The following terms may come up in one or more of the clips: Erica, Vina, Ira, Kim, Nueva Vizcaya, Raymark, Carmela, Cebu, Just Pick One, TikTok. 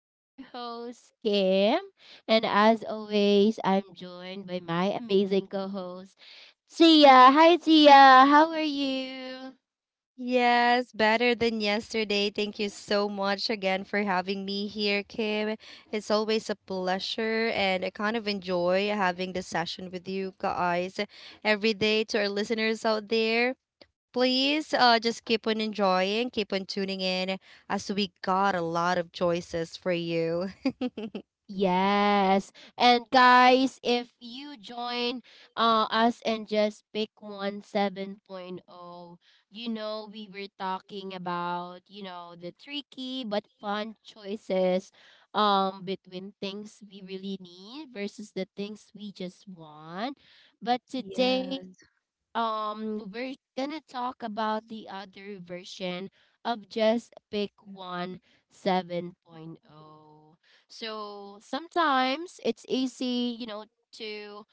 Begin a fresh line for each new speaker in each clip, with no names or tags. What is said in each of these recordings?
I'm your host, Kim, and as always, I'm joined by my amazing co host, Tia. Hi, Tia. How are you?
Yes, better than yesterday. Thank you so much again for having me here, Kim. It's always a pleasure, and I kind of enjoy having this session with you guys every day. To our listeners out there, please just keep on enjoying, keep on tuning in, as we got a lot of choices for you.
Yes. And guys, if you join us and just pick one 7.0, point oh, we were talking about, the tricky but fun choices between things we really need versus the things we just want. But today
Yes,
we're gonna talk about the other version of just pick one 7.0 Point Oh. So sometimes it's easy to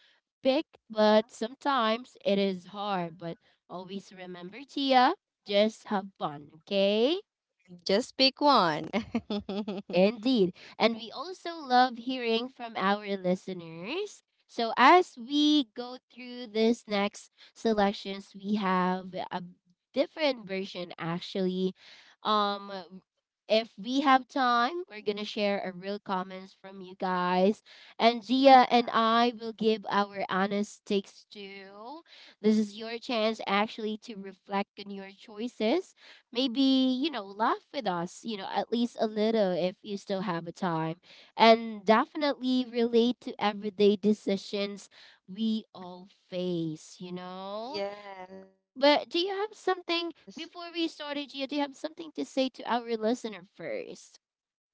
pick, but sometimes it is hard, but always remember, Tia, just have fun, okay?
just pick one.
Indeed. And we also love hearing from our listeners. So, as we go through this next selections, we have a different version actually. Um, if we have time, we're going to share a real comments from you guys. And Gia
Yeah.
and I will give our honest takes too. This is your chance actually to reflect on your choices, maybe laugh with us, at least a little if you still have a time, and definitely relate to everyday decisions we all face.
Yes.
But do you have something before we started, Gia? Do you have something to say to our listener first?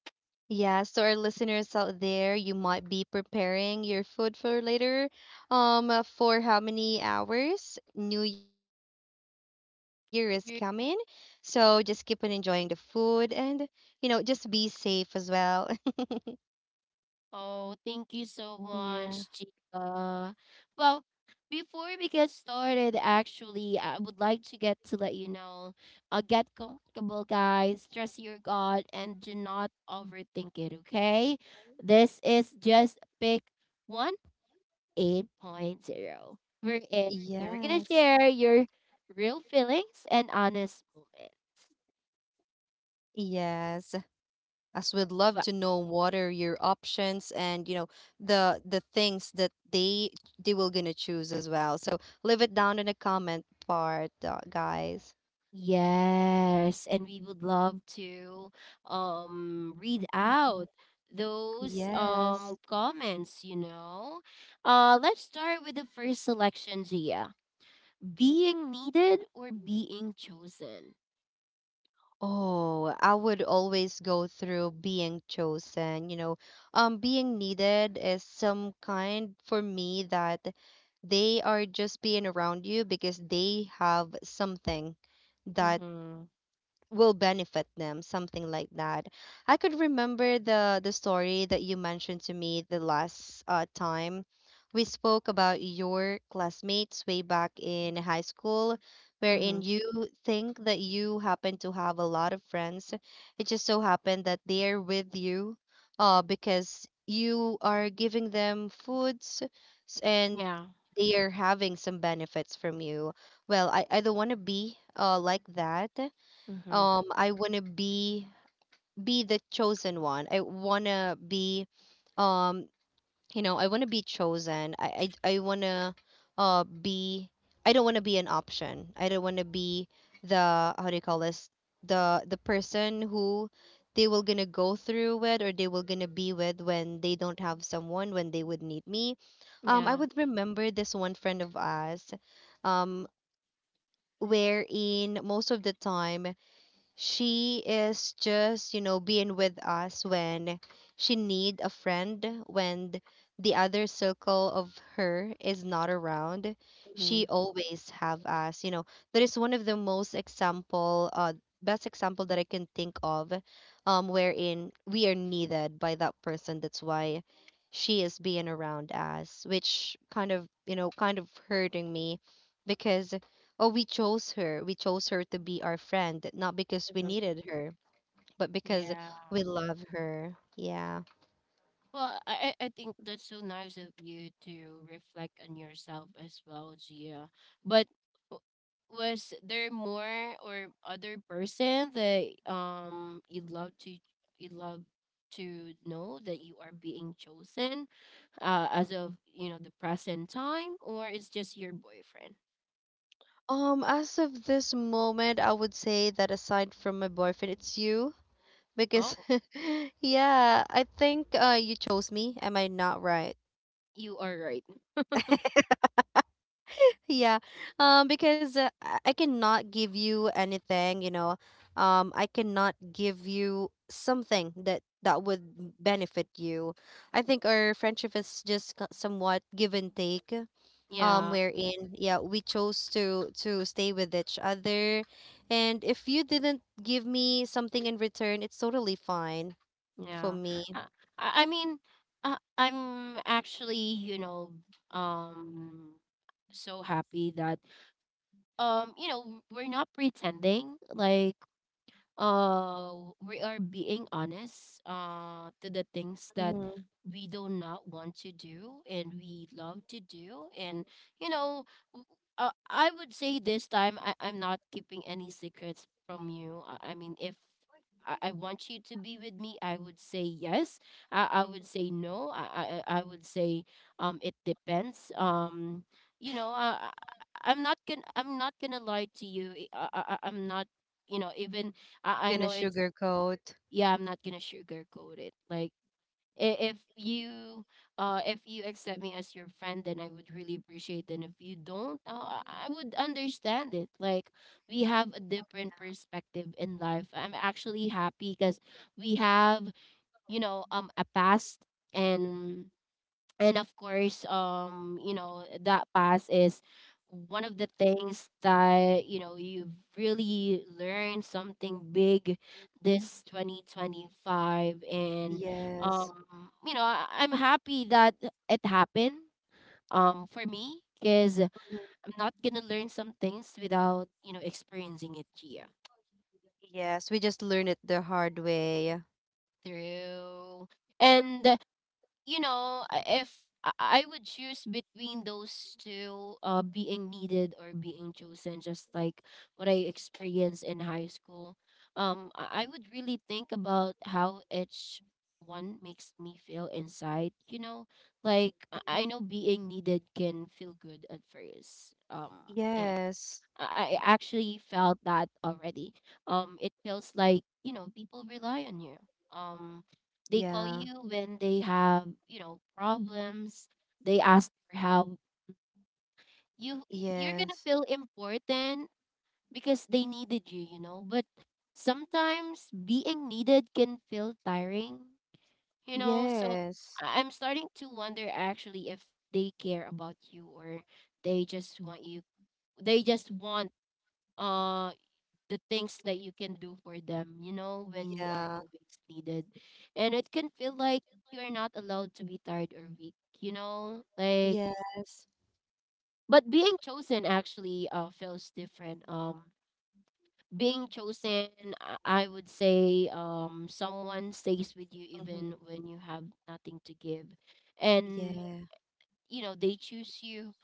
Yeah, so our listeners out there, you might be preparing your food for later. For how many hours? New Year is coming, so just keep on enjoying the food and you know just be safe as well.
Oh, thank you so
Yeah.
much, Gia. Well, before we get started, actually, I would like to get to let you know, get comfortable, guys. Trust your God and do not overthink it, okay? This is just pick one eight point zero wherein you're going to
Yes.
share your real feelings and honest moments.
Yes. As we'd love to know what are your options, and you know the things that they will gonna choose as well. So leave it down in the comment part, guys.
Yes, and we would love to read
Mhm.
out those
Yes.
comments. Let's start with the first selection, Gia. Being needed or being chosen.
Oh, I would always go through being chosen, you know. Being needed is some kind for me that they are just being around you because they have something that
Mm-hmm.
will benefit them, something like that. I could remember the story that you mentioned to me the last time we spoke about your classmates way back in high school, wherein
Mm-hmm.
you think that you happen to have a lot of friends. It just so happened that they're with you because you are giving them foods, and
Yeah.
they are having some benefits from you. Well, I don't want to be like that.
Mm-hmm.
I want to be the chosen one. I want to be, um you know, I want to be chosen. I want to be. I don't want to be an option, I don't want to be the, how do you call this, the person who they will gonna go through with, or they will gonna be with when they don't have someone, when they would need me. I
Yeah.
would remember this one friend of us, um wherein most of the time she is just, you know, being with us when she need a friend, when the other circle of her is not around.
Mm-hmm.
She always have us, you know. That is one of the most example best example that I can think of, wherein we are needed by that person. That's why she is being around us, which kind of, you know, kind of hurting me because, oh, we chose her. We chose her to be our friend, not because we
Hmm.
needed her, but because
Yeah.
we love her. Yeah.
Well, I think that's so nice of you to reflect on yourself as well, Gia. But w- was there more or other person that you love to you love know that you are being chosen as of the present time, or it's just your boyfriend?
As of this moment, I would say that aside from my boyfriend, it's you. Because,
Oh,
yeah, I think you chose me. Am I not right?
you are right.
Yeah, because I cannot give you anything, you know. I cannot give you something that would benefit you. I think our friendship is just somewhat give and take.
Yeah.
Wherein, yeah, we chose to stay with each other, and if you didn't give me something in return, it's totally fine for
Yeah.
me.
Uh, I mean, I'm actually, you know, um so happy that we're not pretending like uh we are being honest to the things that
Mm-hmm.
we do not want to do and we love to do, and you know w- I would say this time, I'm not keeping any secrets from you. I mean, if I want you to be with me, I would say yes. I would say no. I would say it depends. You know I, I I'm not gonna I'm not gonna lie to you. I'm not, even I
Gonna
know it's
sugarcoat.
Yeah, I'm not gonna sugarcoat it. Like i- if you if you accept me as your friend, then I would really appreciate it. And if you don't, I would understand it. Like we have a different perspective in life. I'm actually happy because we have, a past, and and of course that past is one of the things that you've really learned something big this 2025. And um
Yes.
I'm happy that it happened, for me, because
Mhm.
I'm not gonna learn some things without experiencing it, Gia.
Yes, we just learned it the hard way.
True, and if I, I would choose between those two, being needed or being chosen, just like what I experienced in high school, I would really think about how each one makes me feel inside. You know, like I know being needed can feel good at first.
Yes.
I actually felt that already. It feels like people rely on you. Um, they call
Yeah.
you when they have problems. They ask for help. You you're gonna
Yes.
feel important because they needed you. You know, but sometimes being needed can feel tiring. You know, so
Yes.
I'm starting to wonder actually if they care about you, or they just want you. They just want um the things that you can do for them, when you are
Yeah.
always needed. And it can feel like you're not allowed to be tired or weak, you know? Like
Yes.
but being chosen actually feels different. Being chosen, I would say someone stays with you
Mm-hmm.
even when you have nothing to give. And
Yeah.
they choose you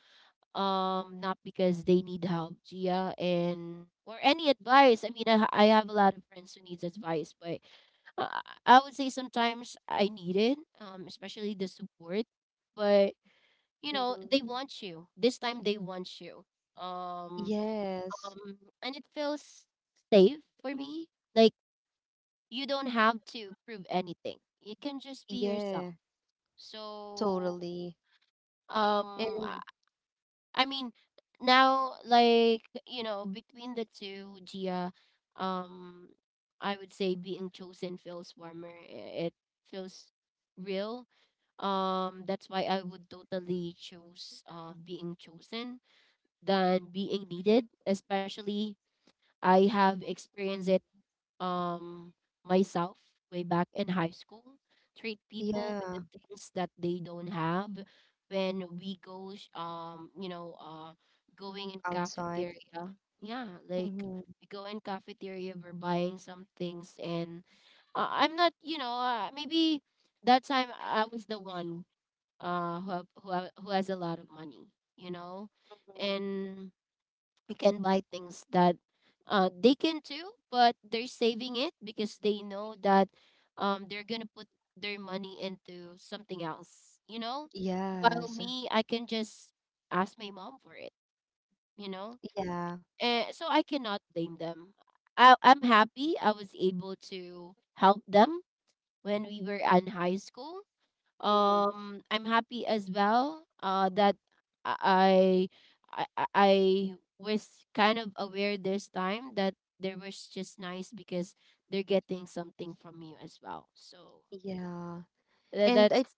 not because they need help, Gia, and or any advice. I mean, I have a lot of friends who needs advice, but Uh, I would say sometimes I need it, especially the support. But
Mm-hmm.
they want you. This time they want you. Um,
Yes.
and it feels safe for me. Like you don't have to prove anything. You can just be yourself.
Yeah.
So,
Totally.
um,
And
I mean, now like between the two, Gia, um, I would say being chosen feels warmer. It feels real. That's why I would totally choose being chosen than being needed. Especially, I have experienced it um myself way back in high school, treat people with the
yeah,
things that they don't have when we go going in
outside.
cafeteria. Yeah, like
Mm-hmm.
we go in cafeteria, we're buying some things, and I'm not maybe that time I was the one who has a lot of money, you know
Mm-hmm.
and we can buy things that they can too, but they're saving it because they know that they're gonna put their money into something else, While
Yes.
me, I can just ask my mom for it, you know.
Yeah.
And so I cannot blame them. I'm happy I was able to help them when we were in high school.
Mm-hmm.
I'm happy as well that I, I was kind of aware this time that there was just nice because they're getting something from you as well. So
Yeah. And I.
that's.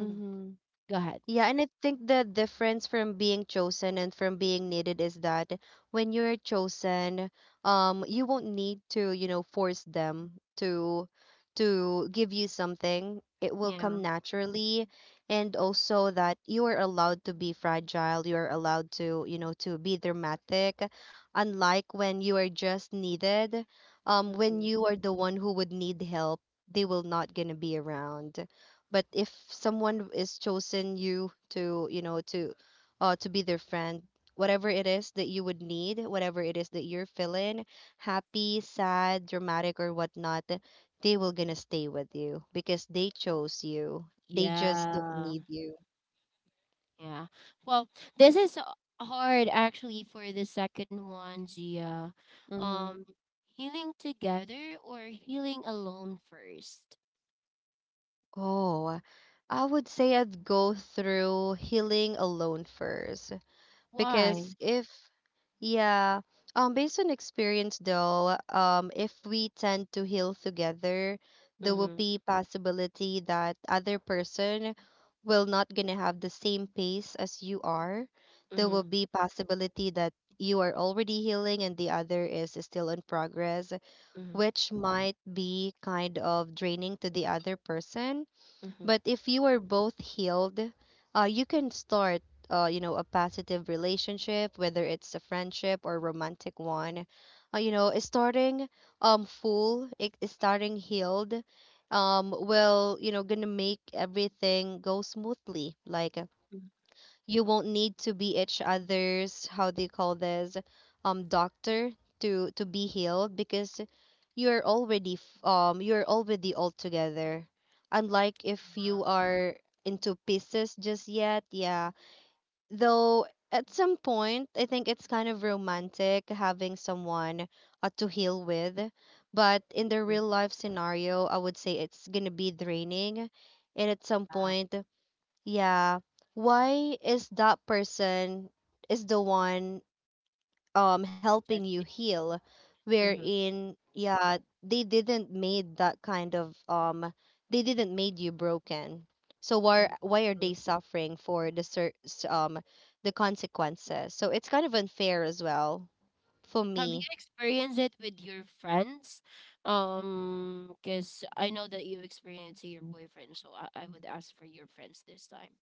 Mhm.
Mm-hmm.
Go ahead.
Yeah, and I think the difference from being chosen and from being needed is that when you're chosen, you won't need to, you know, force them to give you something. It will
Yeah.
come naturally, and also that you are allowed to be fragile. You are allowed to, you know, to be dramatic, unlike when you are just needed. When
Hmm.
you are the one who would need help, they will not gonna be around. But if someone is chosen you to, you know, to be their friend, whatever it is that you would need, whatever it is that you're feeling, happy, sad, dramatic, or whatnot, they will gonna stay with you because they chose you, they just don't
Yeah.
need you.
Yeah. Well, this is hard actually for the second one, Gia.
Mm-hmm.
Um, healing together or healing alone first?
Oh, I would say I'd go through healing alone first. Because
Why?
if, yeah, based on experience though, if we tend to heal together, there will be possibility that other person will not gonna have the same pace as you are. There will
Mhm,
be possibility that you are already healing and the other is still in progress,
mhm,
which might be kind of draining to the other person.
mhm,
But if you are both healed, you can start, you know, a positive relationship, whether it's a friendship or romantic one. You know, starting full, it starting healed, will, you know, gonna make everything go smoothly. Like,
mhm,
you won't need to be each other's, how do you call this, doctor, to be healed because you're already you're already all together, unlike if you are into pieces just yet. Yeah, though at some point I think it's kind of romantic having someone to heal with. But in the
mhm.
real life scenario, I would say it's gonna be draining. And at some
Yeah,
point, yeah, why is that person is the one helping you
adjusting.
heal,
Mhm,
wherein, yeah, they didn't made that kind of, they didn't made you broken. So
mhm,
why are
mhm.
they suffering for the consequences. So it's kind of unfair as well for
Have you
me.
experienced it with your friends? Because I know that you experienced your boyfriend, so I would ask for your friends this time.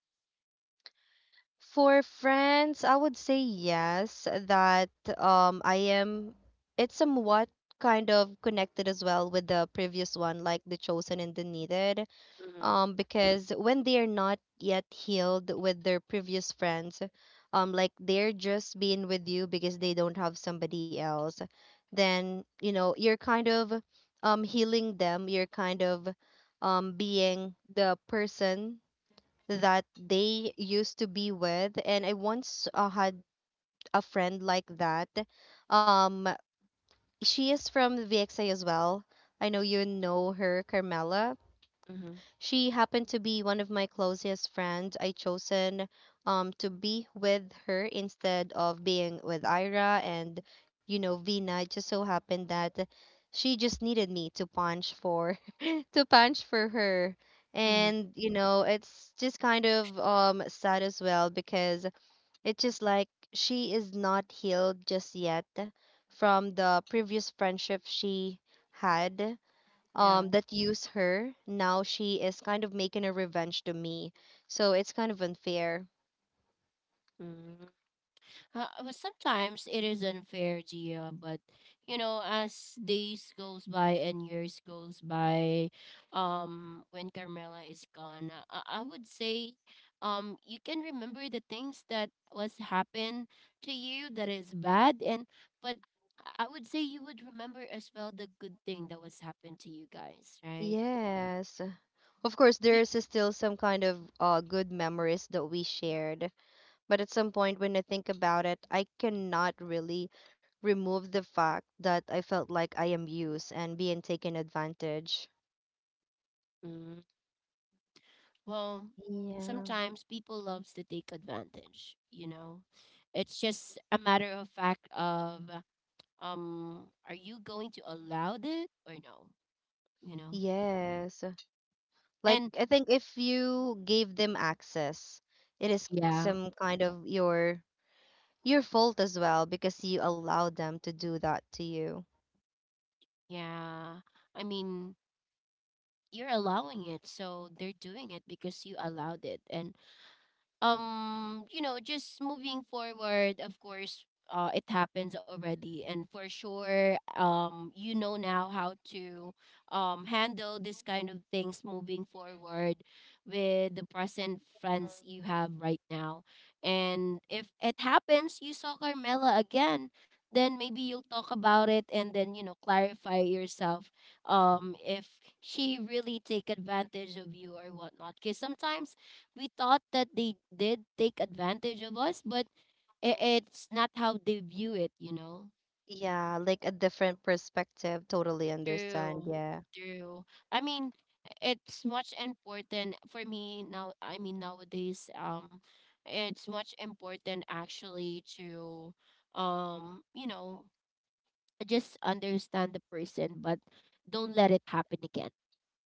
For friends, I would say yes, that I am, it's somewhat kind of connected as well with the previous one, like the chosen and the needed.
Mm-hmm.
Because when they're not yet healed with their previous friends, like they're just being with you because they don't have somebody else, then you know you're kind of healing them. You're kind of being the person that they used to be with. And I once had a friend like that. Um, she is from VXA as well. I know you know her, Carmela.
Mm-hmm.
She happened to be one of my closest friends. I chosen to be with her instead of being with Ira and, you know, Vina. It just so happened that she just needed me to punch for to punch for her.
Mm-hmm.
And you know, it's just kind of sad as well because it's just like she is not healed just yet from the previous friendship she had that used her. Now she is kind of making a revenge to me, so it's kind of unfair.
Yeah. But sometimes it is unfair, Gia, but as days goes by and years goes by, when Carmela is gone, I would say, you can remember the things that was happened to you that is bad, and but I would say you would remember as well the good thing that was happened to you guys, right?
Yes, of course
Y-
there's still some kind of good memories that we shared. But at some point when I think about it, I cannot really remove the fact that I felt like I am used and being taken advantage.
mm-hmm. Well,
Yeah.
sometimes people loves to take advantage, you know. It's just a matter of fact of are you going to allow it or no, you know?
Yes. Like,
And
I think if you gave them access, it is
yeah,
some kind of your fault as well because you allowed them to do that to you.
yeah. I mean, you're allowing it, so they're doing it because you allowed it. And just moving forward, of course it happens already, and for sure now how to handle this kind of things moving forward with the present friends you have right now. And if it happens, you saw Carmela again, then maybe you'll talk about it, and then clarify yourself if she really take advantage of you or whatnot, because sometimes we thought that they did take advantage of us, but it's not how they view it, you know?
Yeah, like a different perspective. Totally understand.
True.
Yeah.
True. I mean, it's much important for me now. I mean, nowadays, it's much important actually to, um, you know, just understand the person, but don't let it happen again,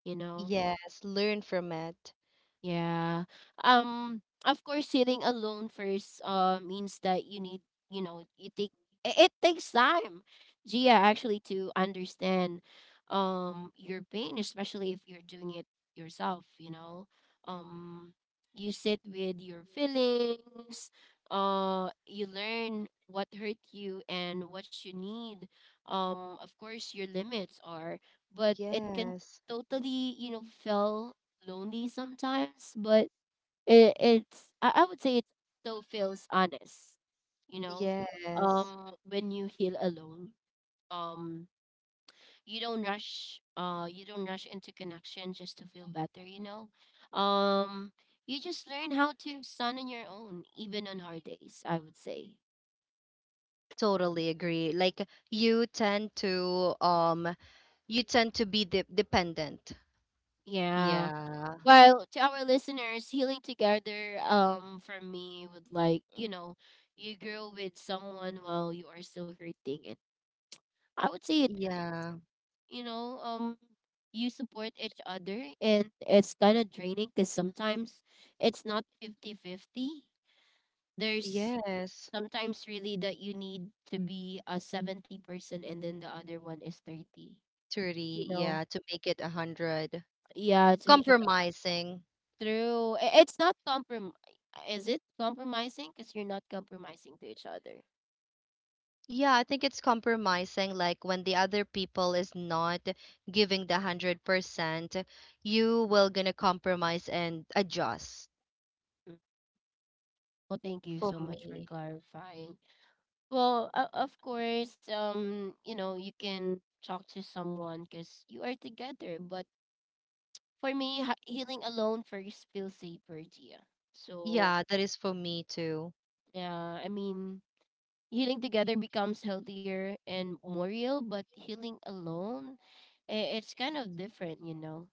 you know?
Yes, learn from it.
Yeah. Of course, sitting alone first means that you need you take it, it takes time, Gia, actually to understand your pain, especially if you're doing it yourself. You know, um, you sit with your feelings. You learn what hurt you and what you need. Of course, your limits are, but it can
Yes.
totally feel lonely sometimes, but it's I would say it still feels honest, you know.
Yes.
When you heal alone, um, you don't rush. You don't rush into connection just to feel better, you know. Um, you just learn how to stand on your own, even on hard days. I would say.
Totally agree. Like, you tend to you tend to be dependent.
Yeah.
Yeah.
Well, to our listeners, healing together, for me would like, you grow with someone while you are still hurting. I would say it hurts.
Yeah.
You know, you support each other, and it's kind of draining because sometimes it's not fifty fifty. There's
Yes.
sometimes really that you need to be a 70%, and then the other one is 30. You
30.
know,
Yeah, to make it a 100.
yeah, to make it.
Compromising.
True. It's not comprom. Is it compromising? Because you're not compromising to each other.
Yeah, I think it's compromising. Like when the other people is not giving the 100%, you will gonna compromise and adjust.
Mm. Well, thank you
For
so much for
me,
clarifying. Well, of course, you can talk to someone because you are together. But for me, healing alone first feels safer, Gia. So.
yeah, that is for me too.
Yeah, I mean, healing together becomes healthier and more real, but healing alone, it's kind of different.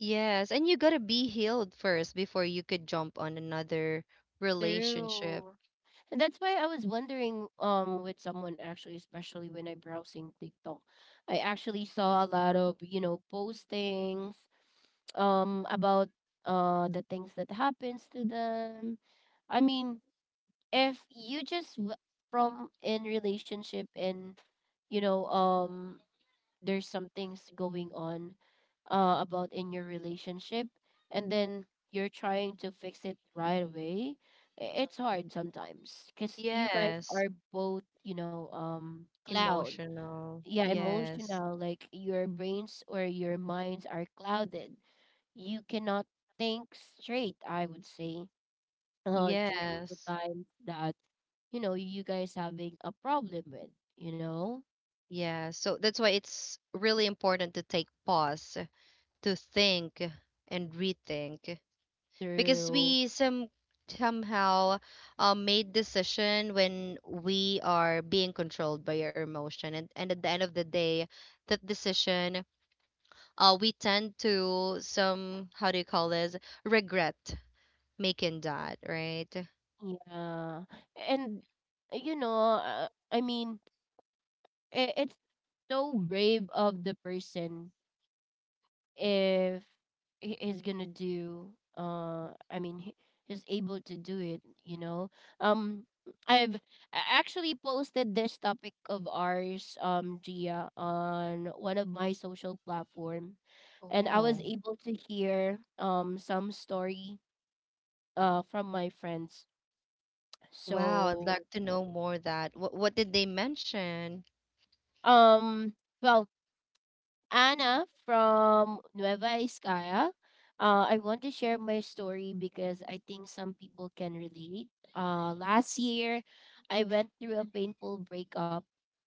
Yes, and you gotta be healed first before you could jump on another relationship.
True. And that's why I was wondering with someone actually, especially when I browsing TikTok, I actually saw a lot of, postings about the things that happens to them. I mean, if you just from in relationship and you know um there's some things going on about in your relationship, and then you're trying to fix it right away. It's hard sometimes because you guys
Yes,
are both cloud,
emotional.
yeah,
Yes,
emotional, like your brains or your minds are clouded. You cannot think straight, I would say, during the
yes,
time that you guys having a problem with, you know
yes. So that's why it's really important to take pause, to think and rethink. Because
through.
we somehow made decision when we are being controlled by our emotion, and at the end of the day, that decision, we tend to, some how do you call this, regret making that right.
Yeah. And I mean, it's so brave of the person if he is gonna do, I mean, he's able to do it. Um I've actually posted this topic of ours, Gia, on one of my social platform, and I was
Oh,
able to hear some story from my friends.
wow, I'd
So,
like to know more. What did they mention?
Um, well, Anna from Nueva Vizcaya. I want to share my story because I think some people can relate. Last year, I went through a painful breakup.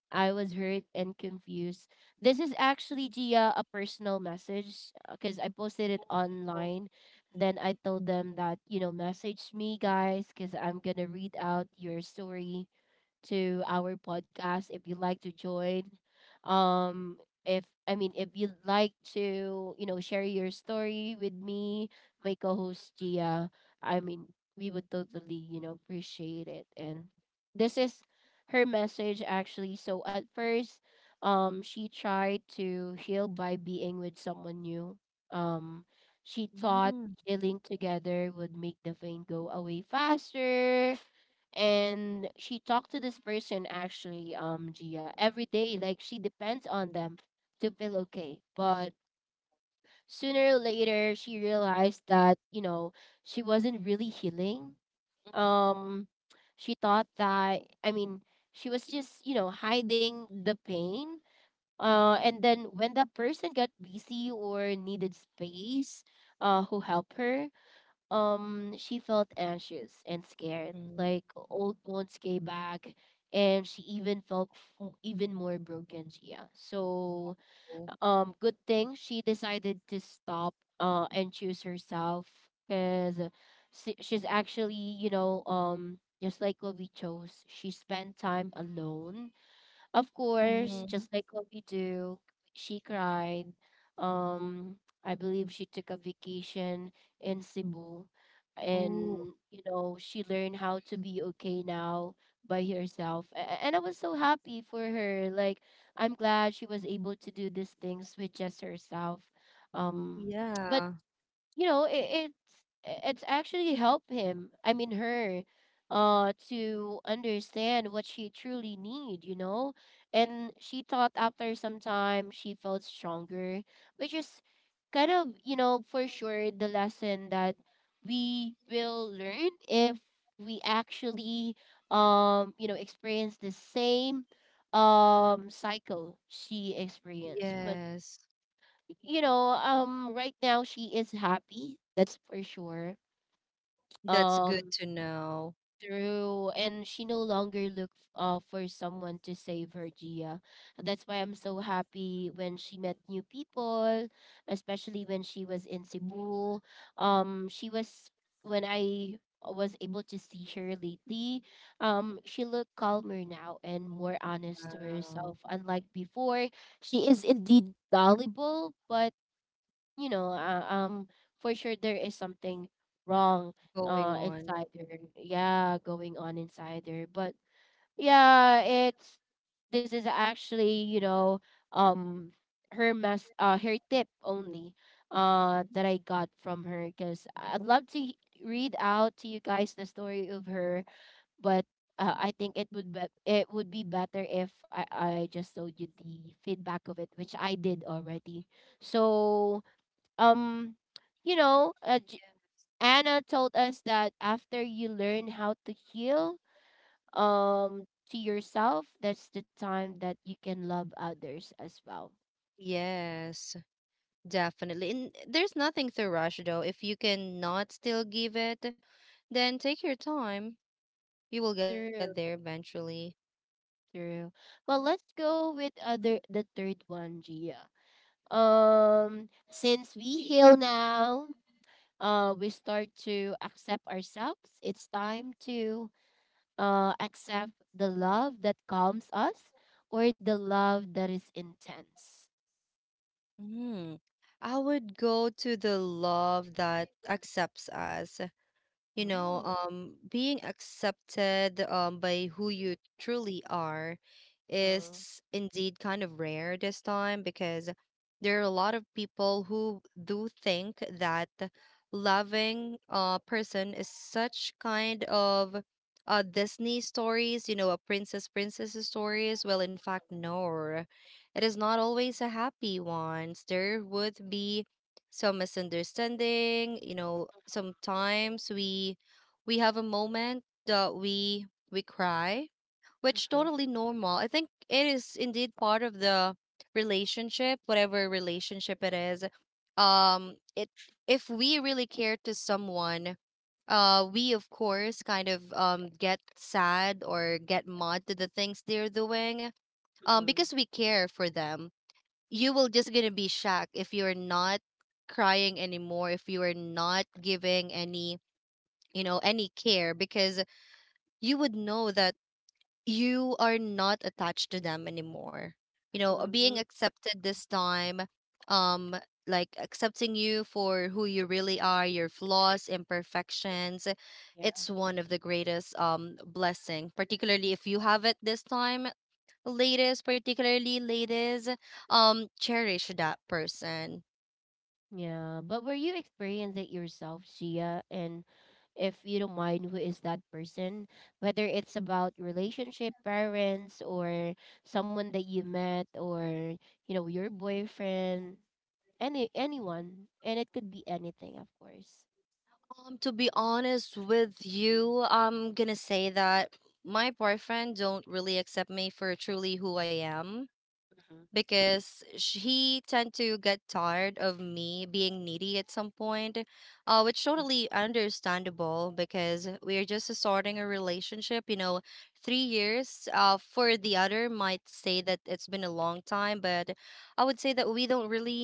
I was hurt and confused. This is actually, Gia, a personal message because I posted it online. Then I told them that, you know, message me, guys, because I'm going to read out your story to our podcast if you'd like to join. Um, if I mean, if you'd like to, you know, share your story with me, my co-host Gia, I mean, we would totally, appreciate it. And this is her message actually. So at first, she tried to heal by being with someone new. Um, she thought healing together would make the pain go away faster, and she talked to this person actually, um, Gia, every day, like she depends on them to feel okay. But sooner or later, she realized that, she wasn't really healing. um she thought that, I mean, she was just, hiding the pain, and then when that person got busy or needed space, who helped her. She felt anxious and scared,
Mhm.
like old wounds came back, and she even felt, even more broken, yeah. So,
Mm.
good thing she decided to stop and choose herself, because she's actually, just like what we chose, she spent time alone. Of course,
Mm-hmm.
just like what we do, she cried. Um, I believe she took a vacation in Cebu,
Ooh.
and she learned how to be okay now by herself. And I was so happy for her. Like, I'm glad she was able to do these things with just herself. Um, but
Yeah.
you know it, it's it's actually helped him, I mean, her, to understand what she truly need. And she thought, after some time, she felt stronger, which is kind of, for sure, the lesson that we will learn if we actually, experience the same cycle she experienced. But
Yes.
right now she is happy. That's for sure.
That's good
Um,
to know.
Through, and she no longer look for someone to save her, Gia. That's why I'm so happy when she met new people, especially when she was in Cebu. She was when I was able to see her lately. She looked calmer now and more honest to
Wow.
herself. Unlike before, she is indeed gullible. But, you know, uh, um, for sure there is something wrong
Going on.
inside her. Yeah, going on inside her. But yeah, it's this is actually, um her mess, her tip only, that I got from her, because I'd love to, read out to you guys the story of her. But I think it would be better if I just told you the feedback of it, which I did already. So, um you know uh, J- anna told us that after you learn how to heal, to yourself, that's the time that you can love others as well.
Yes, definitely. And there's nothing to rush though. If you cannot still give it, then take your time. You will get there
True.
eventually.
True. Well, let's go with other the third one, Gia. Since we heal now, we start to accept ourselves. It's time to accept the love that calms us or the love that is intense.
Hmm. I would go to the love that accepts us.
Mm,
Being accepted by who you truly are
mhm,
is indeed kind of rare this time, because there are a lot of people who do think that loving a person is such kind of Disney stories. A princess stories. Well, in fact, no, it is not always a happy ones. There would be some misunderstanding. Sometimes we have a moment that we cry, which
mhm,
totally normal. I think it is indeed part of the relationship, whatever relationship it is. It If we really care to someone, we of course kind of get sad or get mad to the things they're doing,
mhm,
because we care for them. You will just gonna be shocked if you're not crying anymore, if you are not giving any, any care, because you would know that you are not attached to them anymore.
mhm.
Being accepted this time, um like accepting you for who you really are, your flaws, imperfections,
Yeah.
it's one of the greatest blessing, particularly if you have it this time. Ladies, particularly ladies, cherish that person.
Yeah, but were you experience it yourself, Gia? And if you don't mind, who is that person? Whether it's about relationship, parents, or someone that you met, or your boyfriend, anyone, and it could be anything, of course.
To be honest with you, I'm gonna say that my boyfriend don't really accept me for truly who I am.
Mhm,
Because he tend to get tired of me being needy at some point, which
mhm,
totally understandable, because we're just starting a relationship. 3 years, for the other might say that it's been a long time, but I would say that we don't really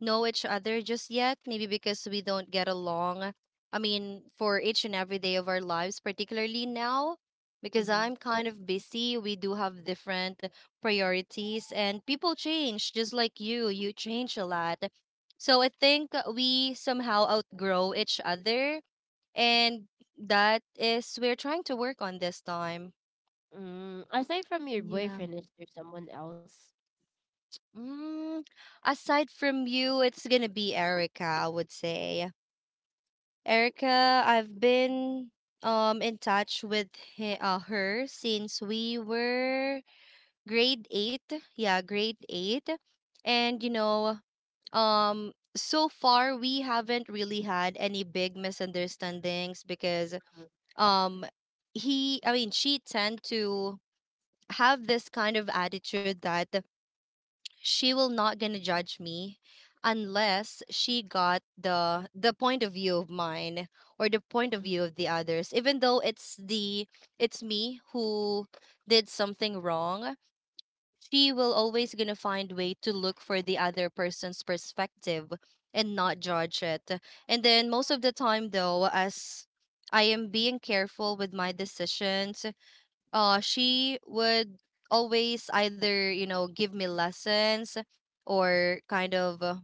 know each other just yet, maybe because we don't get along. I mean, for each and every day of our lives, particularly now, because
mhm.
I'm kind of busy, we do have different priorities, and people change just like you. You change a lot. So I think we somehow outgrow each other. And that is, we're trying to work on this time.
Aside from your
Yeah.
boyfriend, is there someone else?
Mm, Aside from you, it's going to be Erica, I would say. Erica, I've been in touch with her since we were grade 8. Yeah, grade 8. And so far we haven't really had any big misunderstandings, because um he I mean she tend to have this kind of attitude that she will not gonna judge me, unless she got the point of view of mine, or the point of view of the others, even though it's me who did something wrong. She will always gonna find way to look for the other person's perspective, and not judge it. And then, most of the time though, as I am being careful with my decisions, she would always either, give me lessons, or kind of,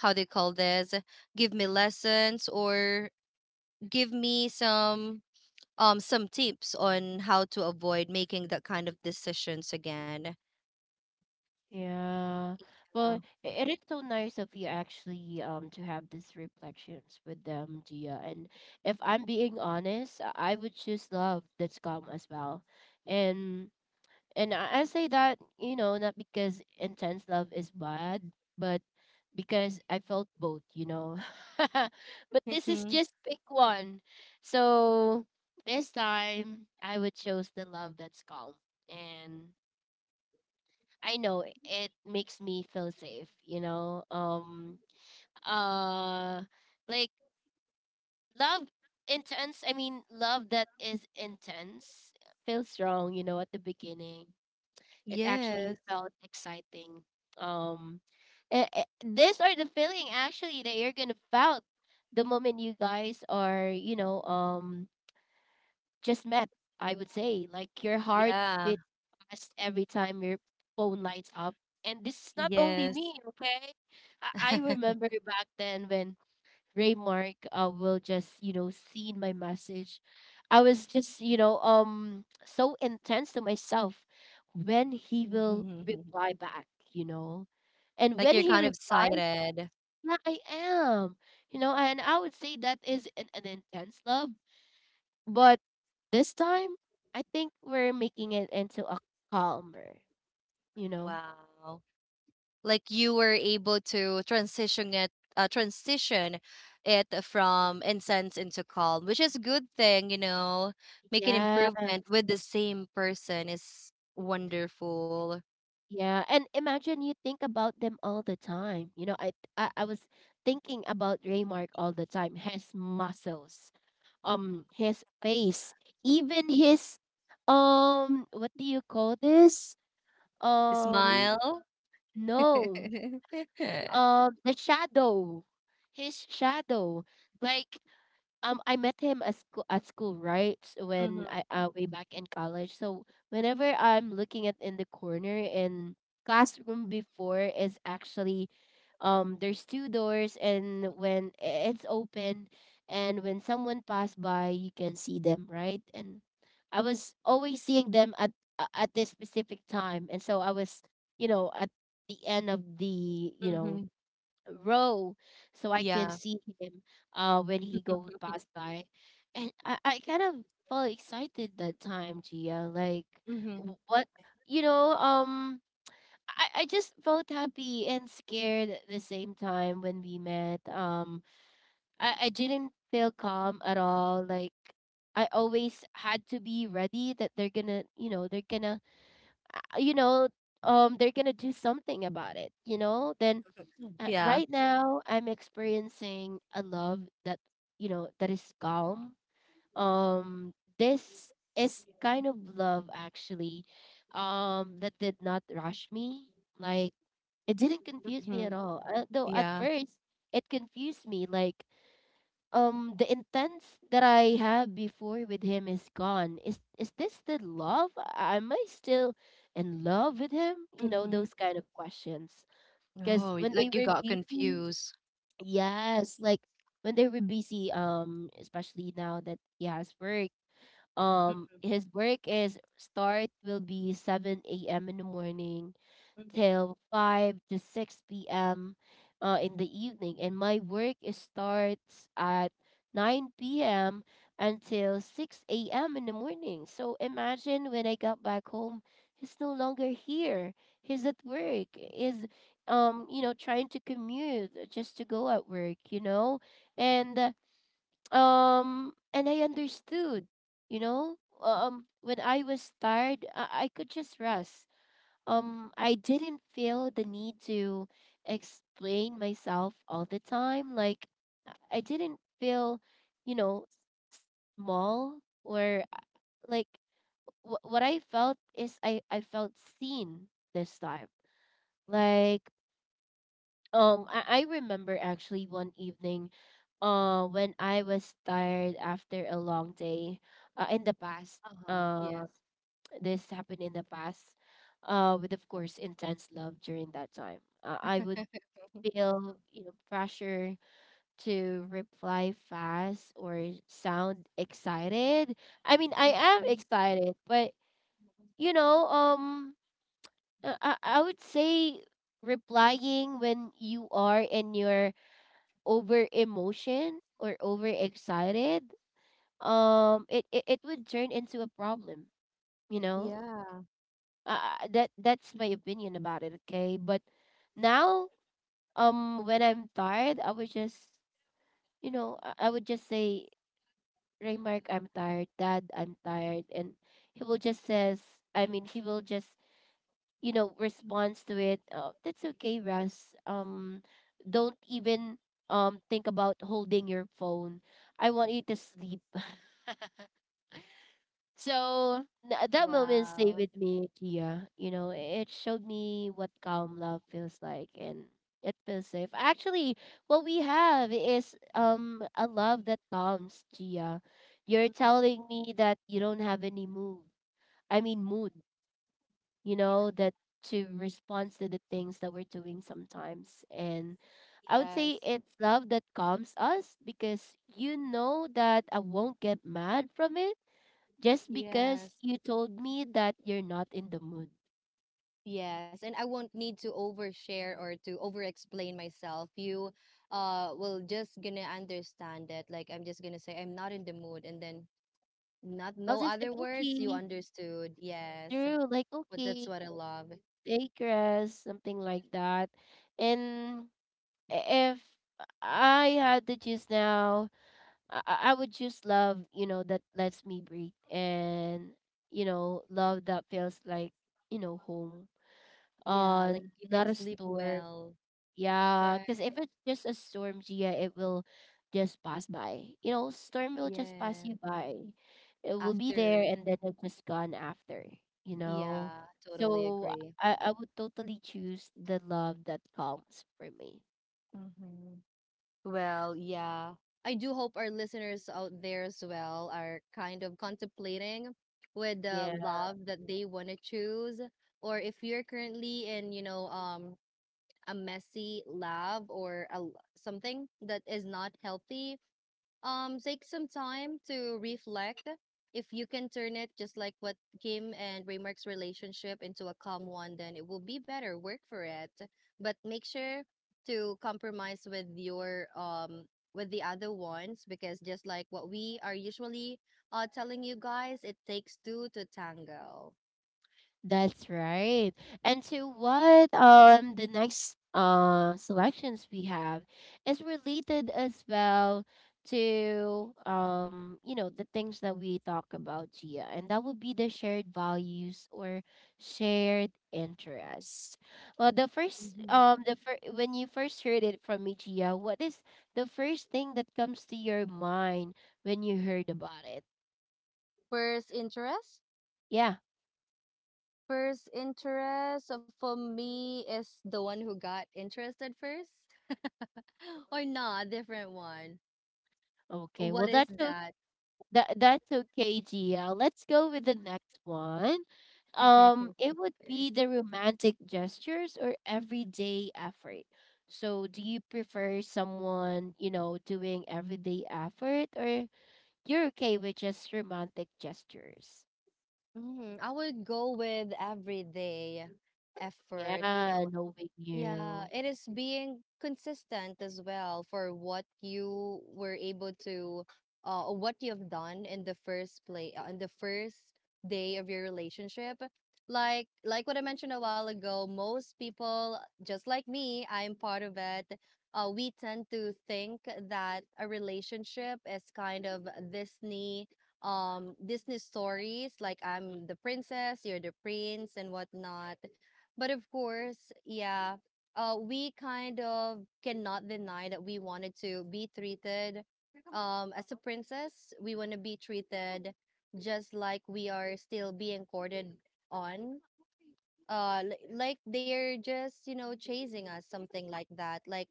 how they call this, give me lessons, or give me some tips on how to avoid making that kind of decisions again.
Yeah. Well, it is so nice of you actually, to have these reflections with them, Gia. And if I'm being honest, I would choose love that's calm as well. And and I say that, not because intense love is bad, but because I felt both. But
Yeah.
this is
Mhm.
just pick one. So this time I would choose the love that's calm. And I know it makes me feel safe. Uh like, love I mean, love that is intense feels strong, at the beginning. It actually
Yes.
felt exciting. Um these are the feeling actually that you're going to felt the moment you guys are, just met, I would say. Like your heart
Yeah.
beats fast every time your phone lights up. And this is not only
Yes.
me, okay? I remember back then when Raymark, will just, see my message. I was just, so intense to myself when he will reply back, you know. And
Like
when
you're
he
kind of
replies.
sighted.
Yeah, I am. And I would say that is an intense love, but this time, I think we're making it into a calmer, you know?
Wow, like you were able to transition it, uh, transition from intense into calm, which is a good thing. Make an
Yeah,
improvement with the same person is wonderful.
yeah. And imagine you think about them all the time. I was thinking about Raymark all the time. His muscles, his face, even his, what do you call this?
Smile.
Um, no,
Mm-hmm.
the shadow, his shadow. Like, I met him at school, right, when I, way back in college. So whenever I'm looking at in the corner in classroom before is actually, there's two doors, and when it's open and when someone passed by you can see them, right? And I was always seeing them at, at this specific time, and so I was, at the end of the,
Mm-hmm.
row, so I can
Yeah.
see him when he go pass by. And I kind of felt excited that time, Gia. Like,
Mm-hmm.
what, you know, um I just felt happy and scared at the same time when we met. I didn't feel calm at all. Like, I always had to be ready that uh, you know, they're gonna do something about it, you know? Then
Yeah.
right now, I'm experiencing a love that is calm. This is kind of love actually, that did not rush me. Like, it didn't confuse me at
Mm-hmm.
all. Though at
Yeah.
first, it confused me. Like, the intense that I had before with him is gone. Is this the love? Am I still in love with him?
Mm-hmm.
Those kind of questions. Because
Oh,
when they
like you
were
got
busy.
confused.
Yes, like when they were busy, especially now that he has work,
Mm-hmm.
his work is start will be 7 a.m. in the morning, till 5 to 6 p.m. In the evening, and my work is starts at 9 p.m. until 6 a.m. in the morning. So imagine when I got back home, he's no longer here. He's at work. Is trying to commute just to go at work. And and I understood. You know, when I was tired, I could just rest. I didn't feel the need to explain myself all the time. Like, I didn't feel, you know, small or, like, what I felt is I felt seen this time. Like I remember actually one evening when I was tired after a long day in the past
Uh-huh.
uh,
Yes.
this happened in the past with, of course, intense love during that time. I would
Mhm.
feel, you know, pressure to reply fast or sound excited. I mean, I am
Mhm.
excited, but, you know, I would say replying when you are in your over emotion or over excited, it would turn into a problem, you know.
Yeah.
That's my opinion about it. Okay, but now, when I'm tired, I would just, you know, I would just say, Raymark, I'm tired. Dad, I'm tired, and he will just says, I mean, he will just, you know, responds to it. Oh, that's okay, Russ. Don't even think about holding your phone. I want you to sleep. So that moment stayed
Wow.
with me, Kia. You know, it showed me what calm love feels like, and it feels safe. Actually, what we have is a love that calms, Gia. You're
Mhm.
telling me that you don't have any mood. I mean mood. You know that, to respond to the things that we're doing sometimes, and I would
Yes.
say it's love that calms us because you know that I won't get mad from it just
Yes.
because you told me that you're not in the mood.
Yes. And I won't need to overshare or to over-explain myself. You will just gonna understand that. Like, I'm just gonna say I'm not in the mood, and then not
I'll
no
just say,
other words, you
okay,
understood. Yes.
Drew, like,
But that's
okay,
what I love.
take rest, something like that. And if I had to choose now, I would choose love, you know, that lets me breathe and, you know, love that feels like, you know, home.
Yeah,
Uh,
like you can
not a
sleep
store.
well.
Yeah,
Right.
because if it's just a storm, Gia, it will just pass by. You know, storm will just pass
Yeah.
you by. It will be there
After.
and then it's just gone after, you know?
Yeah, totally
So
agree.
I would totally choose the love that calms for me.
Mm-hmm. Well, yeah. I do hope our listeners out there as well are kind of contemplating with the
Yeah.
love that they want to choose, or if you're currently in, you know, a messy love, or something that is not healthy, take some time to reflect. If you can turn it just like what Kim and Raymark's relationship, into a calm one, then it will be better work for it. But make sure to compromise with your, with the other ones, because just like what we are usually telling you guys, it takes two to tango.
That's right. And to what the next selections we have is related as well to, you know, the things that we talk about, Gia, and that would be the shared values or shared interests. Well, the first,
Mhm.
when you first heard it from me, Gia, what is the first thing that comes to your mind when you heard about it?
First interest?
Yeah.
First interest, for me is the one who got interested first. Or not, different one.
Okay.
What
Well,
is
that's so.
that?
That that's okay, Gia. Let's go with the next one. It would be the romantic gestures or everyday effort. So, do you prefer someone, you know, doing everyday effort, or you're okay with just romantic gestures?
Mm, I would go with everyday effort, you know.
Yeah, knowing
Yeah,
you.
it is being consistent as well for what you were able to, or what you've done in the first play, in the first day of your relationship. Like what I mentioned a while ago, most people, just like me, I'm part of it. We tend to think that a relationship is kind of Disney, Disney stories. Like
Mhm.
I'm the princess, you're the prince, and whatnot. But of course, yeah, we kind of cannot deny that we wanted to be treated, as a princess. We want to be treated just like we are still being courted on. Like they're just, you know, chasing us, something like that. Like,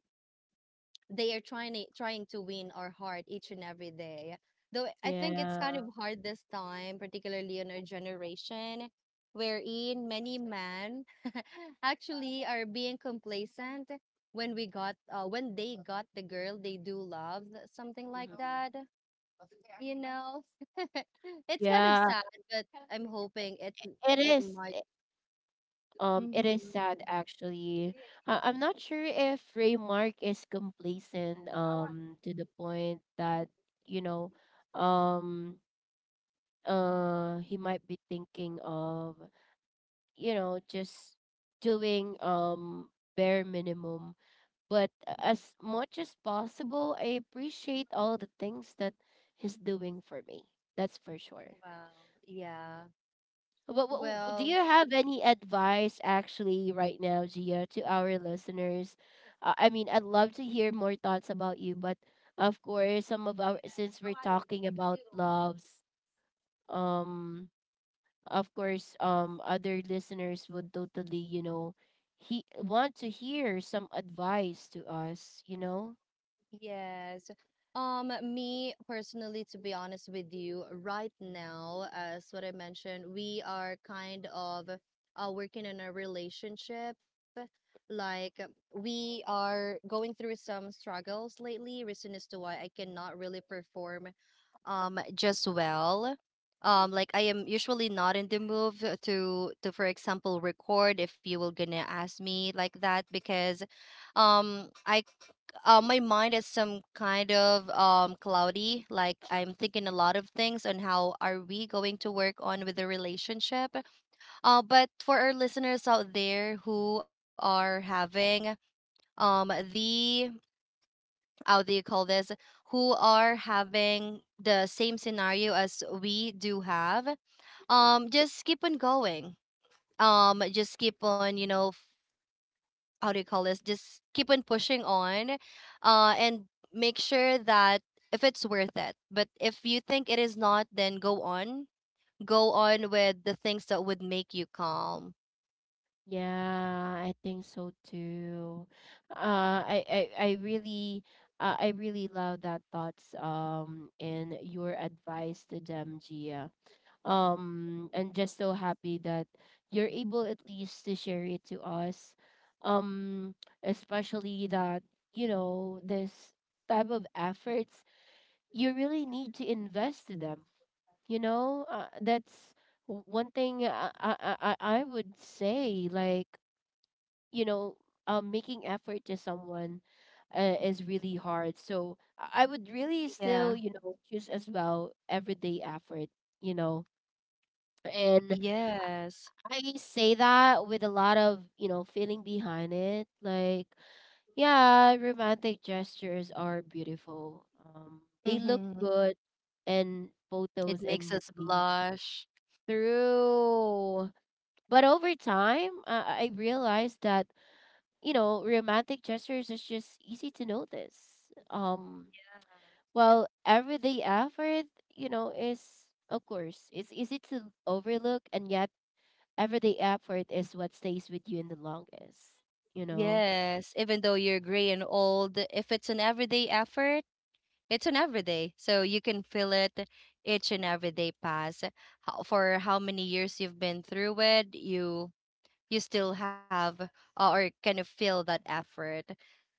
they are trying to, win our heart each and every day. Though I think it's kind
Yeah.
of hard this time, particularly in our generation, wherein many men actually are being complacent, when we got when they got the girl they do love, something like
Mhm.
that. You know, it's kind of
Yeah,
sad, but I'm hoping
it
it
is.
might.
It is
Hmm.
sad actually. I'm not sure if Raymark is complacent to the point that, you know, um he might be thinking of, you know, just doing bare minimum. But as much as possible, I appreciate all the things that he's doing for me. That's for sure.
Yeah.
Do
Well,
you have any advice actually right now, Gia, to our listeners? I mean, I'd love to hear more thoughts about you, but, of course, some of our, since we're talking about loves, um, of course, other listeners would totally, you know, he want to hear some advice to us, you know.
yes. Me personally, to be honest with you, right now, as what I mentioned, we are kind of working in a relationship. Like, we are going through some struggles lately, reason as to why I cannot really perform just well. Like, I am usually not in the mood to, for example, record if you were gonna ask me like that, because I my mind is some kind of cloudy. Like, I'm thinking a lot of things on how are we going to work on with the relationship. But for our listeners out there who are having, the how do you call this? Who are having the same scenario as we do have?
Mhm.
Just keep on going. Just keep on, you know, how do you call this? Just keep on pushing on, and make sure that if it's worth it. But if you think it is not, then go on. Go on with the things that would make you calm.
Yeah, I think so too. Uh, I, I, I really, I really love that thoughts, and your advice to them, Gia. I'm just so happy that you're able at least to share it to us. Um, especially that, you know, this type of efforts, you really need to invest in them. You know, that's one thing I would say, like, you know, making effort to someone is really hard, so I would really still,
Yeah.
you know, choose as well everyday effort, you know, and
Yes.
I say that with a lot of, you know, feeling behind it. Like, yeah, romantic gestures are beautiful, they look
Mm-hmm.
good in
It
photos and
makes us
movies
blush.
through. But over time, I realized that, you know, romantic gestures is just easy to notice. Um,
Yeah.
well, everyday effort, you know, is, of course, it's easy to overlook, and yet everyday effort is what stays with you in the longest. You know,
Yes, even though you're gray and old, if it's an everyday effort, it's an everyday. So you can feel it each and every day pass. How, for how many years you've been through it, you still have, or kind of feel that effort,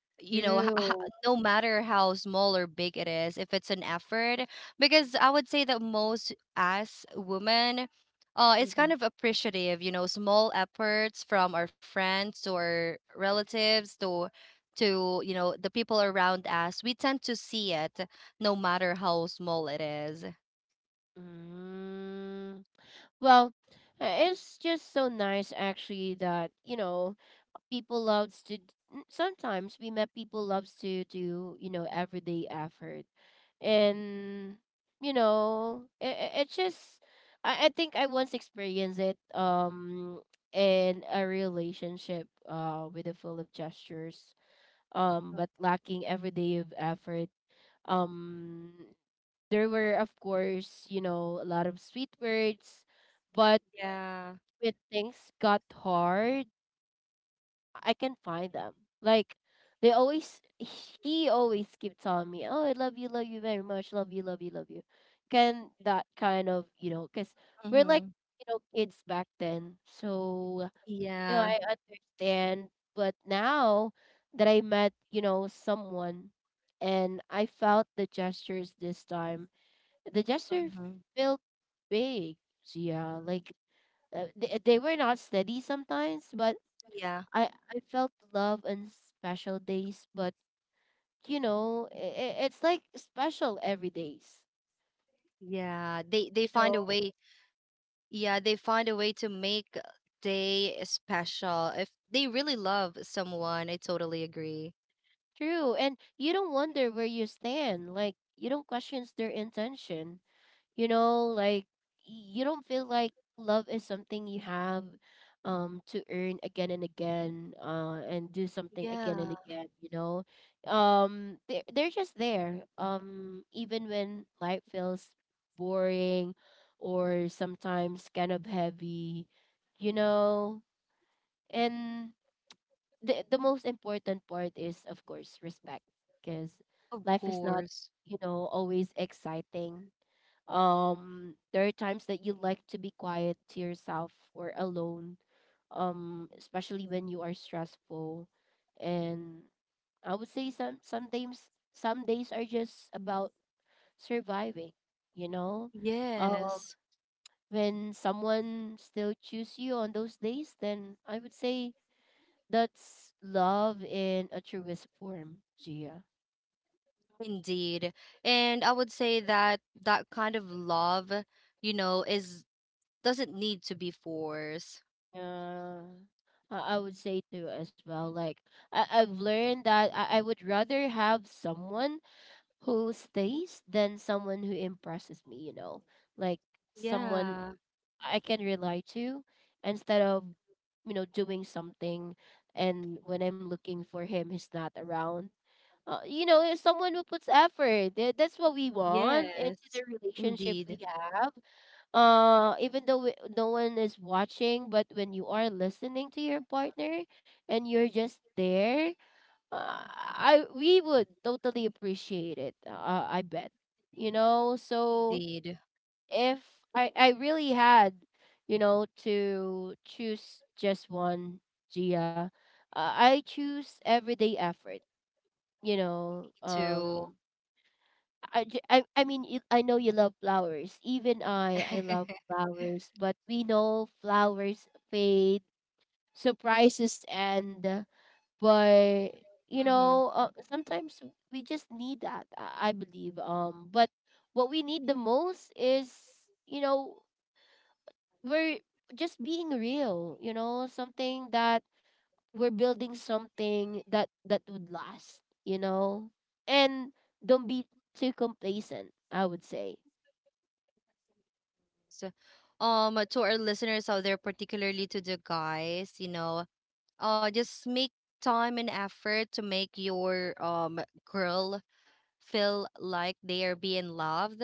you know,
through.
no matter how small or big it is, if it's an effort, because I would say that most us women, it's
Mhm.
kind of appreciative, you know, small efforts from our friends, to our relatives, to, you know, the people around us, we tend to see it, no matter how small it is.
Mm, well, it's just so nice actually that, you know, people loves to sometimes we met people loves to do, you know, everyday effort, and you know it's just, I think I once experienced it in a relationship with a full of gestures, but lacking every day of effort. um there were, of course, you know, a lot of sweet words, but
Yeah.
when things got hard, I can find them. Like, they always, he always keep telling me, "Oh, I love you very much, love you, love you, love you." Can that kind of, you know? Cause we're like,
Mm-hmm.
you know, kids back then, so, you know,
Yeah.
I understand. But now that I met, you know, someone, and I felt the gestures this time, the gesture
Mm-hmm.
felt big. So, yeah, like, they were not steady sometimes, but I felt love on special days, but, you know, it's like special every days.
Yeah, they
You
find
know,
a way. Yeah, they find a way to make day special. If they really love someone, I totally agree.
true, and you don't wonder where you stand. Like, you don't question their intention. You know, like, you don't feel like love is something you have to earn again and again and do
Yeah,
something again and again, you know. They're just there, even when life feels boring or sometimes kind of heavy, you know. And the most important part is, of course, respect, because
of
life is not,
course.
you know, always exciting. Um, there are times that you like to be quiet to yourself or alone, especially when you are stressful, and I would say some days, some days are just about surviving, you know. um
Yes.
when someone still choose you on those days, then I would say that's love in a truest form, Gia.
Indeed. And I would say that that kind of love, you know, is doesn't need to be forced.
Yeah, I would say too as well. Like, I've learned that I would rather have someone who stays than someone who impresses me, you know. Like, someone
Yeah.
I can rely to instead of, you know, doing something, and when I'm looking for him, he's not around. You know, someone who puts effort. That's what we want into the
Yes.
relationship we
Indeed.
have, even though no one is watching, but when you are listening to your partner and you're just there, I we would totally appreciate it, I bet, you know. So,
Indeed.
if I really had, you know, to choose just one, Gia, I choose everyday effort, you know.
Me too.
Um, I mean, you, I know you love flowers. Even I love flowers. But we know flowers fade, surprises end. But, you
Hmm.
know, sometimes we just need that. I believe. But what we need the most is, you know, we're just being real. You know, something that we're building, something that would last. You know, and don't be too complacent, I would say.
So, to our listeners out there, particularly to the guys, you know, just make time and effort to make your girl feel like they are being loved,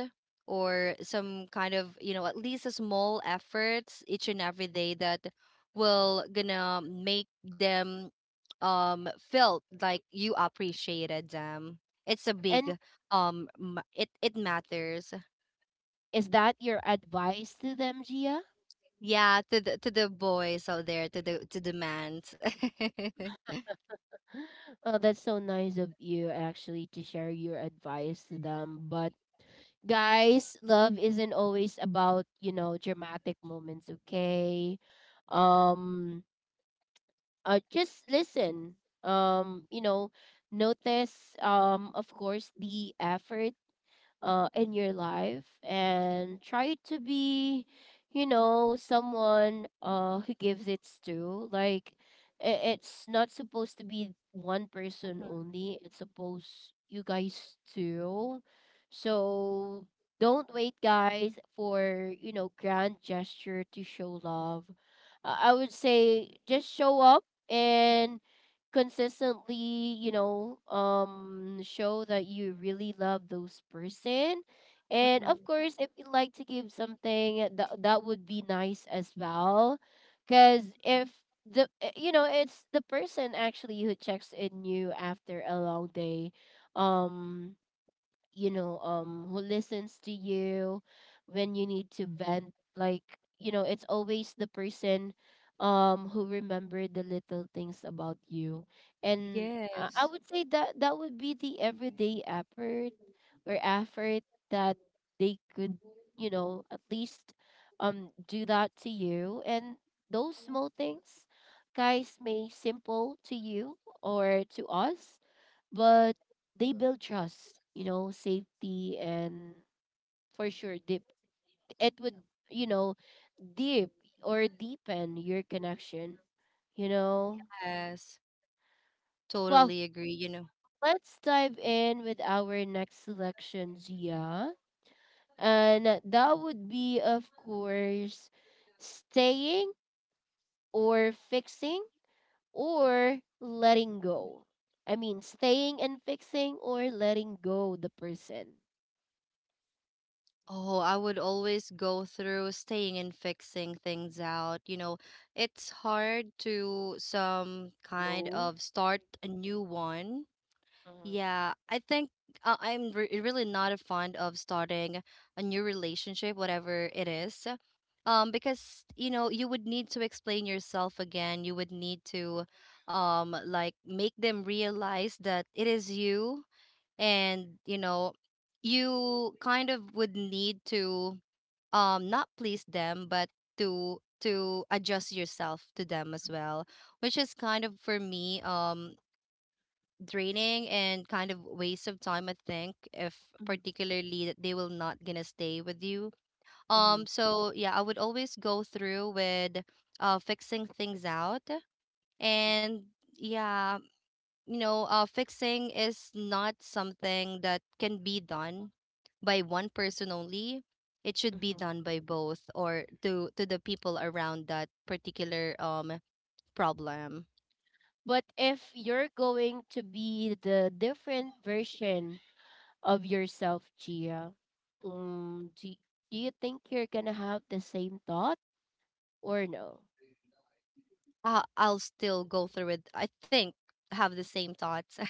or some kind of, you know, at least a small efforts each and every day that will gonna make them felt like you appreciated them. It's a
And
big, it matters.
is that your advice to them, Gia?
Yeah, to the boys out there, to the mans.
Oh, that's so nice of you actually to share your advice to them. But, guys, love isn't always about, you know, dramatic moments, okay? Um just listen. You know, notice of course the effort in your life, and try to be, you know, someone who gives it to. Like, it's not supposed to be one person only, it's supposed you guys too. So, don't wait, guys, for, you know, grand gesture to show love. I would say just show up and consistently, you know, show that you really love those person, and,
Mhm.
of course, if you like to give something that would be nice as well, because if you know, it's the person actually who checks in you after a long day, um you know, who listens to you when you need to vent, like, you know, it's always the person, who remember the little things about you, and I
Yes.
would say that would be the everyday effort or effort that they could, you know, at least do that to you. And those small things, guys, may simple to you or to us, but they build trust, you know, safety, and for sure deep, it would, you know, deep or deepen your connection, you know.
Yes, totally
Well,
agree. You know,
let's dive in with our next selection, Gia, and that would be, of course, staying or fixing or letting go. I mean, staying and fixing or letting go the person.
oh, I would always go through staying and fixing things out. You know, it's hard to some kind
Go.
of start a new one. Yeah, I think, I'm really not a fond of starting a new relationship, whatever it is. Because, you know, you would need to explain yourself again. You would need to, like, make them realize that it is you, and you know, you kind of would need to, not please them, but to adjust yourself to them as well, which is kind of for me, draining and kind of waste of time, I think, if
Mhm.
particularly that they will not gonna stay with you.
Mm-hmm.
So yeah, I would always go through with fixing things out. And yeah, you know, fixing is not something that can be done by one person only. It should be
Mm-hmm.
done by both, or to the people around that particular problem.
But if you're going to be the different version of yourself, Gia, um, do, do you think you're gonna have the same thought or no?
I'll still go through it. I think have the same thoughts.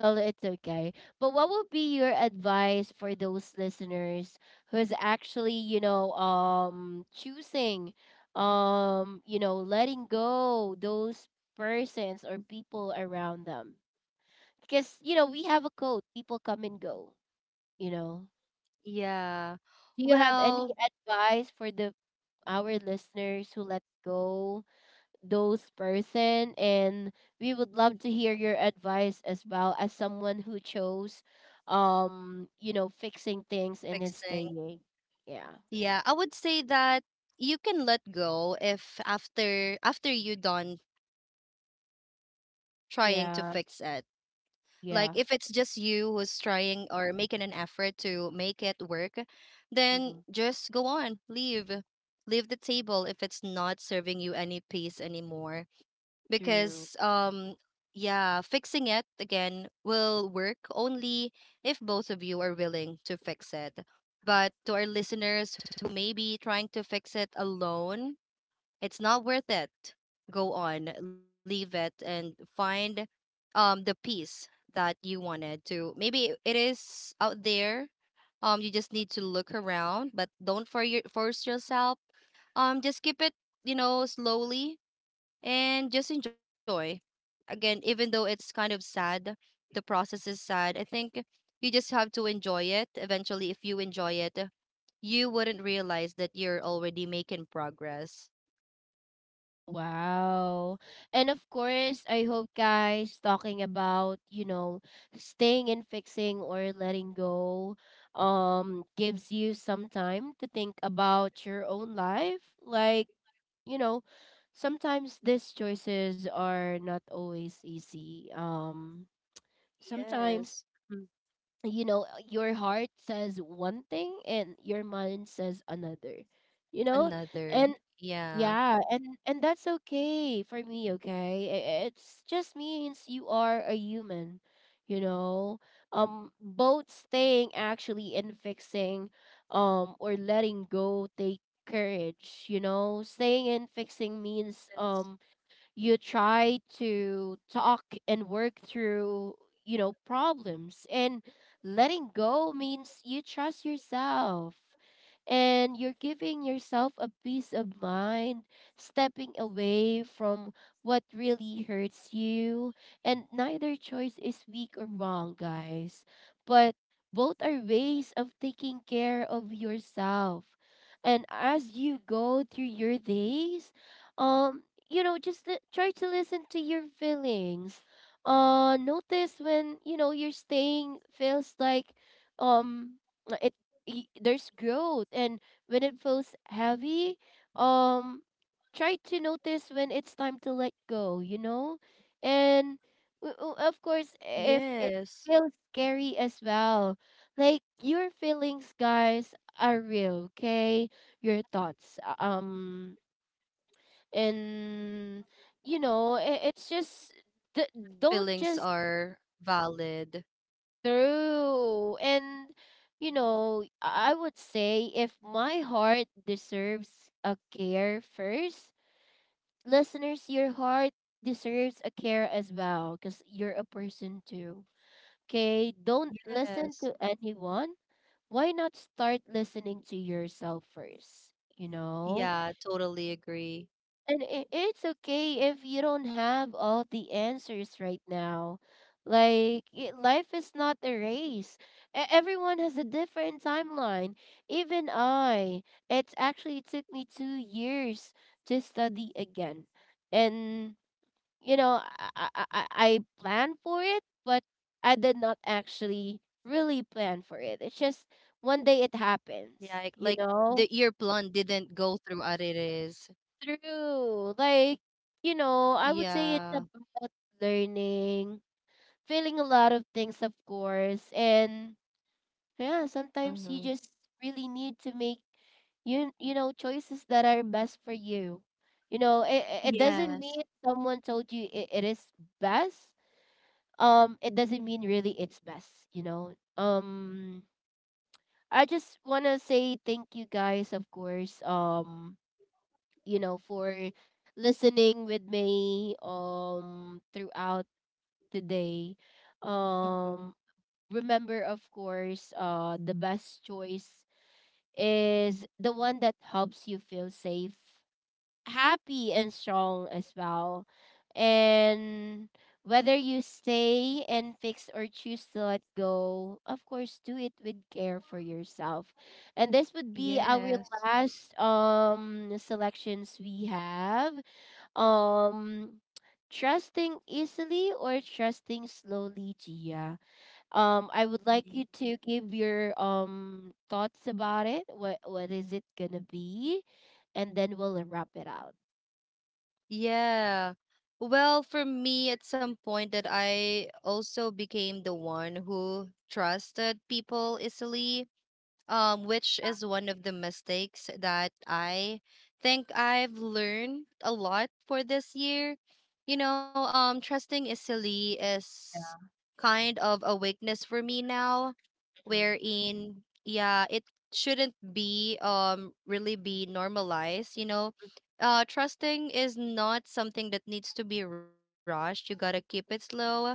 Well, it's okay. But what would be your advice for those listeners who's actually, choosing, letting go those persons or people around them? Because you know we have a code. People come and go you know
Yeah.
do you have any
Well,
advice for the our listeners who let go those person, and we would love to hear your advice as well as someone who chose fixing things and then
fixing.
staying. Yeah,
Yeah, I would say that you can let go if, after you're done trying to fix it.
yeah,
Like, if it's just you who's
yeah.
trying or making an effort to make it work, then just go
Mm-hmm.
on, leave. Leave the table if it's not serving you any peace anymore. Because, yeah, fixing it again will work only if both of you are willing to fix it. But to our listeners who may be trying to fix it alone, it's not worth it. Go on, leave it, and find the peace that you wanted to. Maybe it is out there. You just need to look around, but don't force yourself. Just keep it, you know, slowly, and just enjoy. Again, even though it's kind of sad, the process is sad. I think you just have to enjoy it. Eventually, if you enjoy it, you wouldn't realize that you're already making progress.
Wow. And of course, I hope guys talking about, you know, staying and fixing or letting go gives you some time to think about your own life. Like, you know, sometimes these choices are not always easy. Sometimes
Yes.
mm, you know, your heart says one thing and your mind says another. You know?
Another.
And
Yeah.
yeah, and that's okay for me, okay? It's just means you are a human, you know. Both staying actually and fixing or letting go take courage, you know. Staying and fixing means
Yes.
you try to talk and work through you know problems, and letting go means you trust yourself and you're giving yourself a peace of mind, stepping away from what really hurts you. And neither choice is weak or wrong, guys, but both are ways of taking care of yourself. And as you go through your days, um you know, just try to listen to your feelings. Notice when you know you're staying feels like, um, it there's growth, and when it feels heavy, um, try to notice when it's time to let go. You know, and of course, if it
Yes.
feels scary as well, like your feelings, guys, are real. Okay, your thoughts. And you know it's just th- don't
Feelings
just
are valid.
through, and you know I would say if my heart deserves a care first, listeners, your heart deserves a care as well because you're a person too. Okay, don't listen to
Yes.
anyone. Why not start listening to yourself first, you know?
Yeah, totally agree.
And it's okay if you don't have all the answers right now. Like, life is not a race. Everyone has a different timeline. Even I, it actually took me 2 years to study again. And, you know, I planned for it, but I did not actually really plan for it. It's just one day it happens,
Yeah, like,
you know?
the ear plan didn't go through as it is.
True. Like, you know, I would say it's
Yeah.
about learning, feeling a lot of things, of course. And yeah, sometimes you
Mm-hmm.
just really need to make choices that are best for you. You know, it doesn't
Yes.
mean someone told you it is best. It doesn't mean really it's best, you know. I just wanna say thank you guys, of course. You know, for listening with me throughout the day.
Mm-hmm.
Um Remember, of course, the best choice is the one that helps you feel safe, happy and strong as well. And whether you stay and fix or choose to let go, of course do it with care for yourself. And this would be
Yes.
our last selections we have. Um, Trusting easily or trusting slowly, Gia? I would like
Mhm.
you to give your thoughts about it. What is it gonna be? And then we'll wrap it out.
Yeah. Well, for me, at some point, that I also became the one who trusted people easily, which is one of the mistakes that I think I've learned a lot for this year. You know, trusting easily is kind of a weakness for me now,
Mhm.
wherein, yeah, it shouldn't be really be normalized. You know, trusting is not something that needs to be rushed. You gotta keep it slow.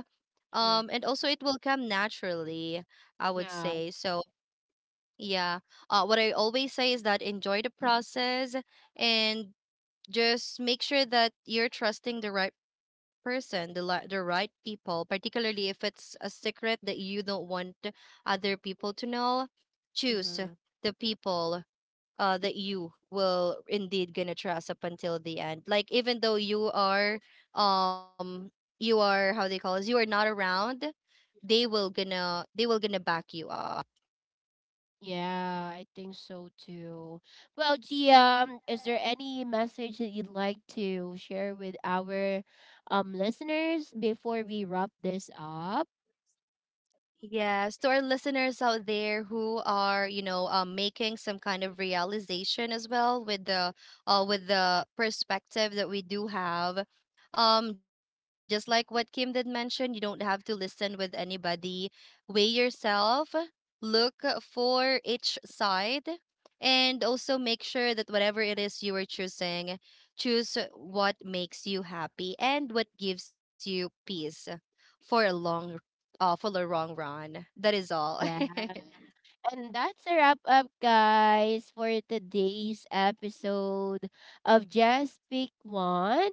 And
Mm-hmm.
also it will come naturally, I would say.
Yeah.
So yeah. What I always say is that enjoy the process, and just make sure that you're trusting the right person, the right people, particularly if it's a secret that you don't want other people to know. Choose
Mm-hmm.
the people, that you will indeed gonna trust up until the end. Like, even though um you are, how they call this, you are not around, they will gonna back you up.
Yeah, I think so too. Well, Gia, is there any message that you'd like to share with our listeners before we wrap this up?
Yes, to our listeners out there who are, you know, making some kind of realization as well with with the perspective that we do have, just like what Kim did mention, you don't have to listen with anybody. Weigh yourself, look for each side, and also make sure that whatever it is you are choosing, choose what makes you happy and what gives you peace for a long for the wrong run. That is all.
And that's a wrap up, guys, for today's episode of Just Pick One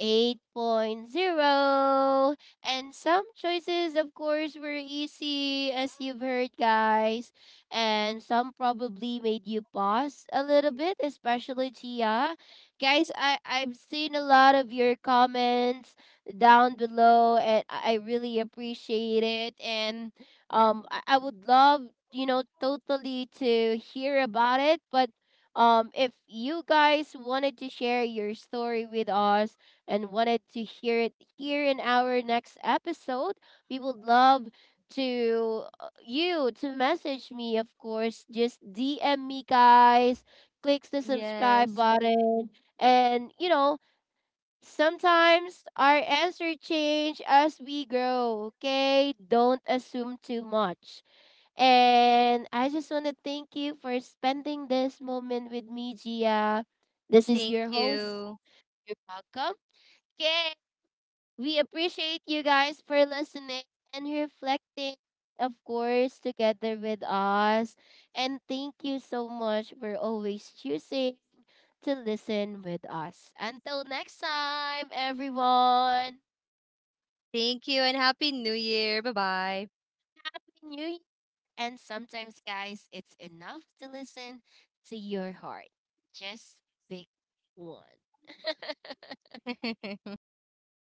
Eight Point Zero. And some choices, of course, were easy, as you've heard, guys. And some probably made you pause a little bit, especially Tia. Guys, I've seen a lot of your comments down below, and I really appreciate it. And I would love you know totally to hear about it, but if you guys wanted to share your story with us and wanted to hear it here in our next episode, we would love to you to message me, of course. Just DM me, guys, clicks the subscribe
Yes.
button, and you know sometimes our answer change as we grow. Okay, don't assume too much. And I just want to thank you for spending this moment with me, Gia. This is your
Thank
host.
you.
You're welcome. Okay. We appreciate you guys for listening and reflecting, of course, together with us. And thank you so much for always choosing to listen with us. Until next time, everyone.
Thank you, and Happy New Year. Bye.
Happy New Year. And sometimes, guys, it's enough to listen to your heart. Just pick one.
Bye.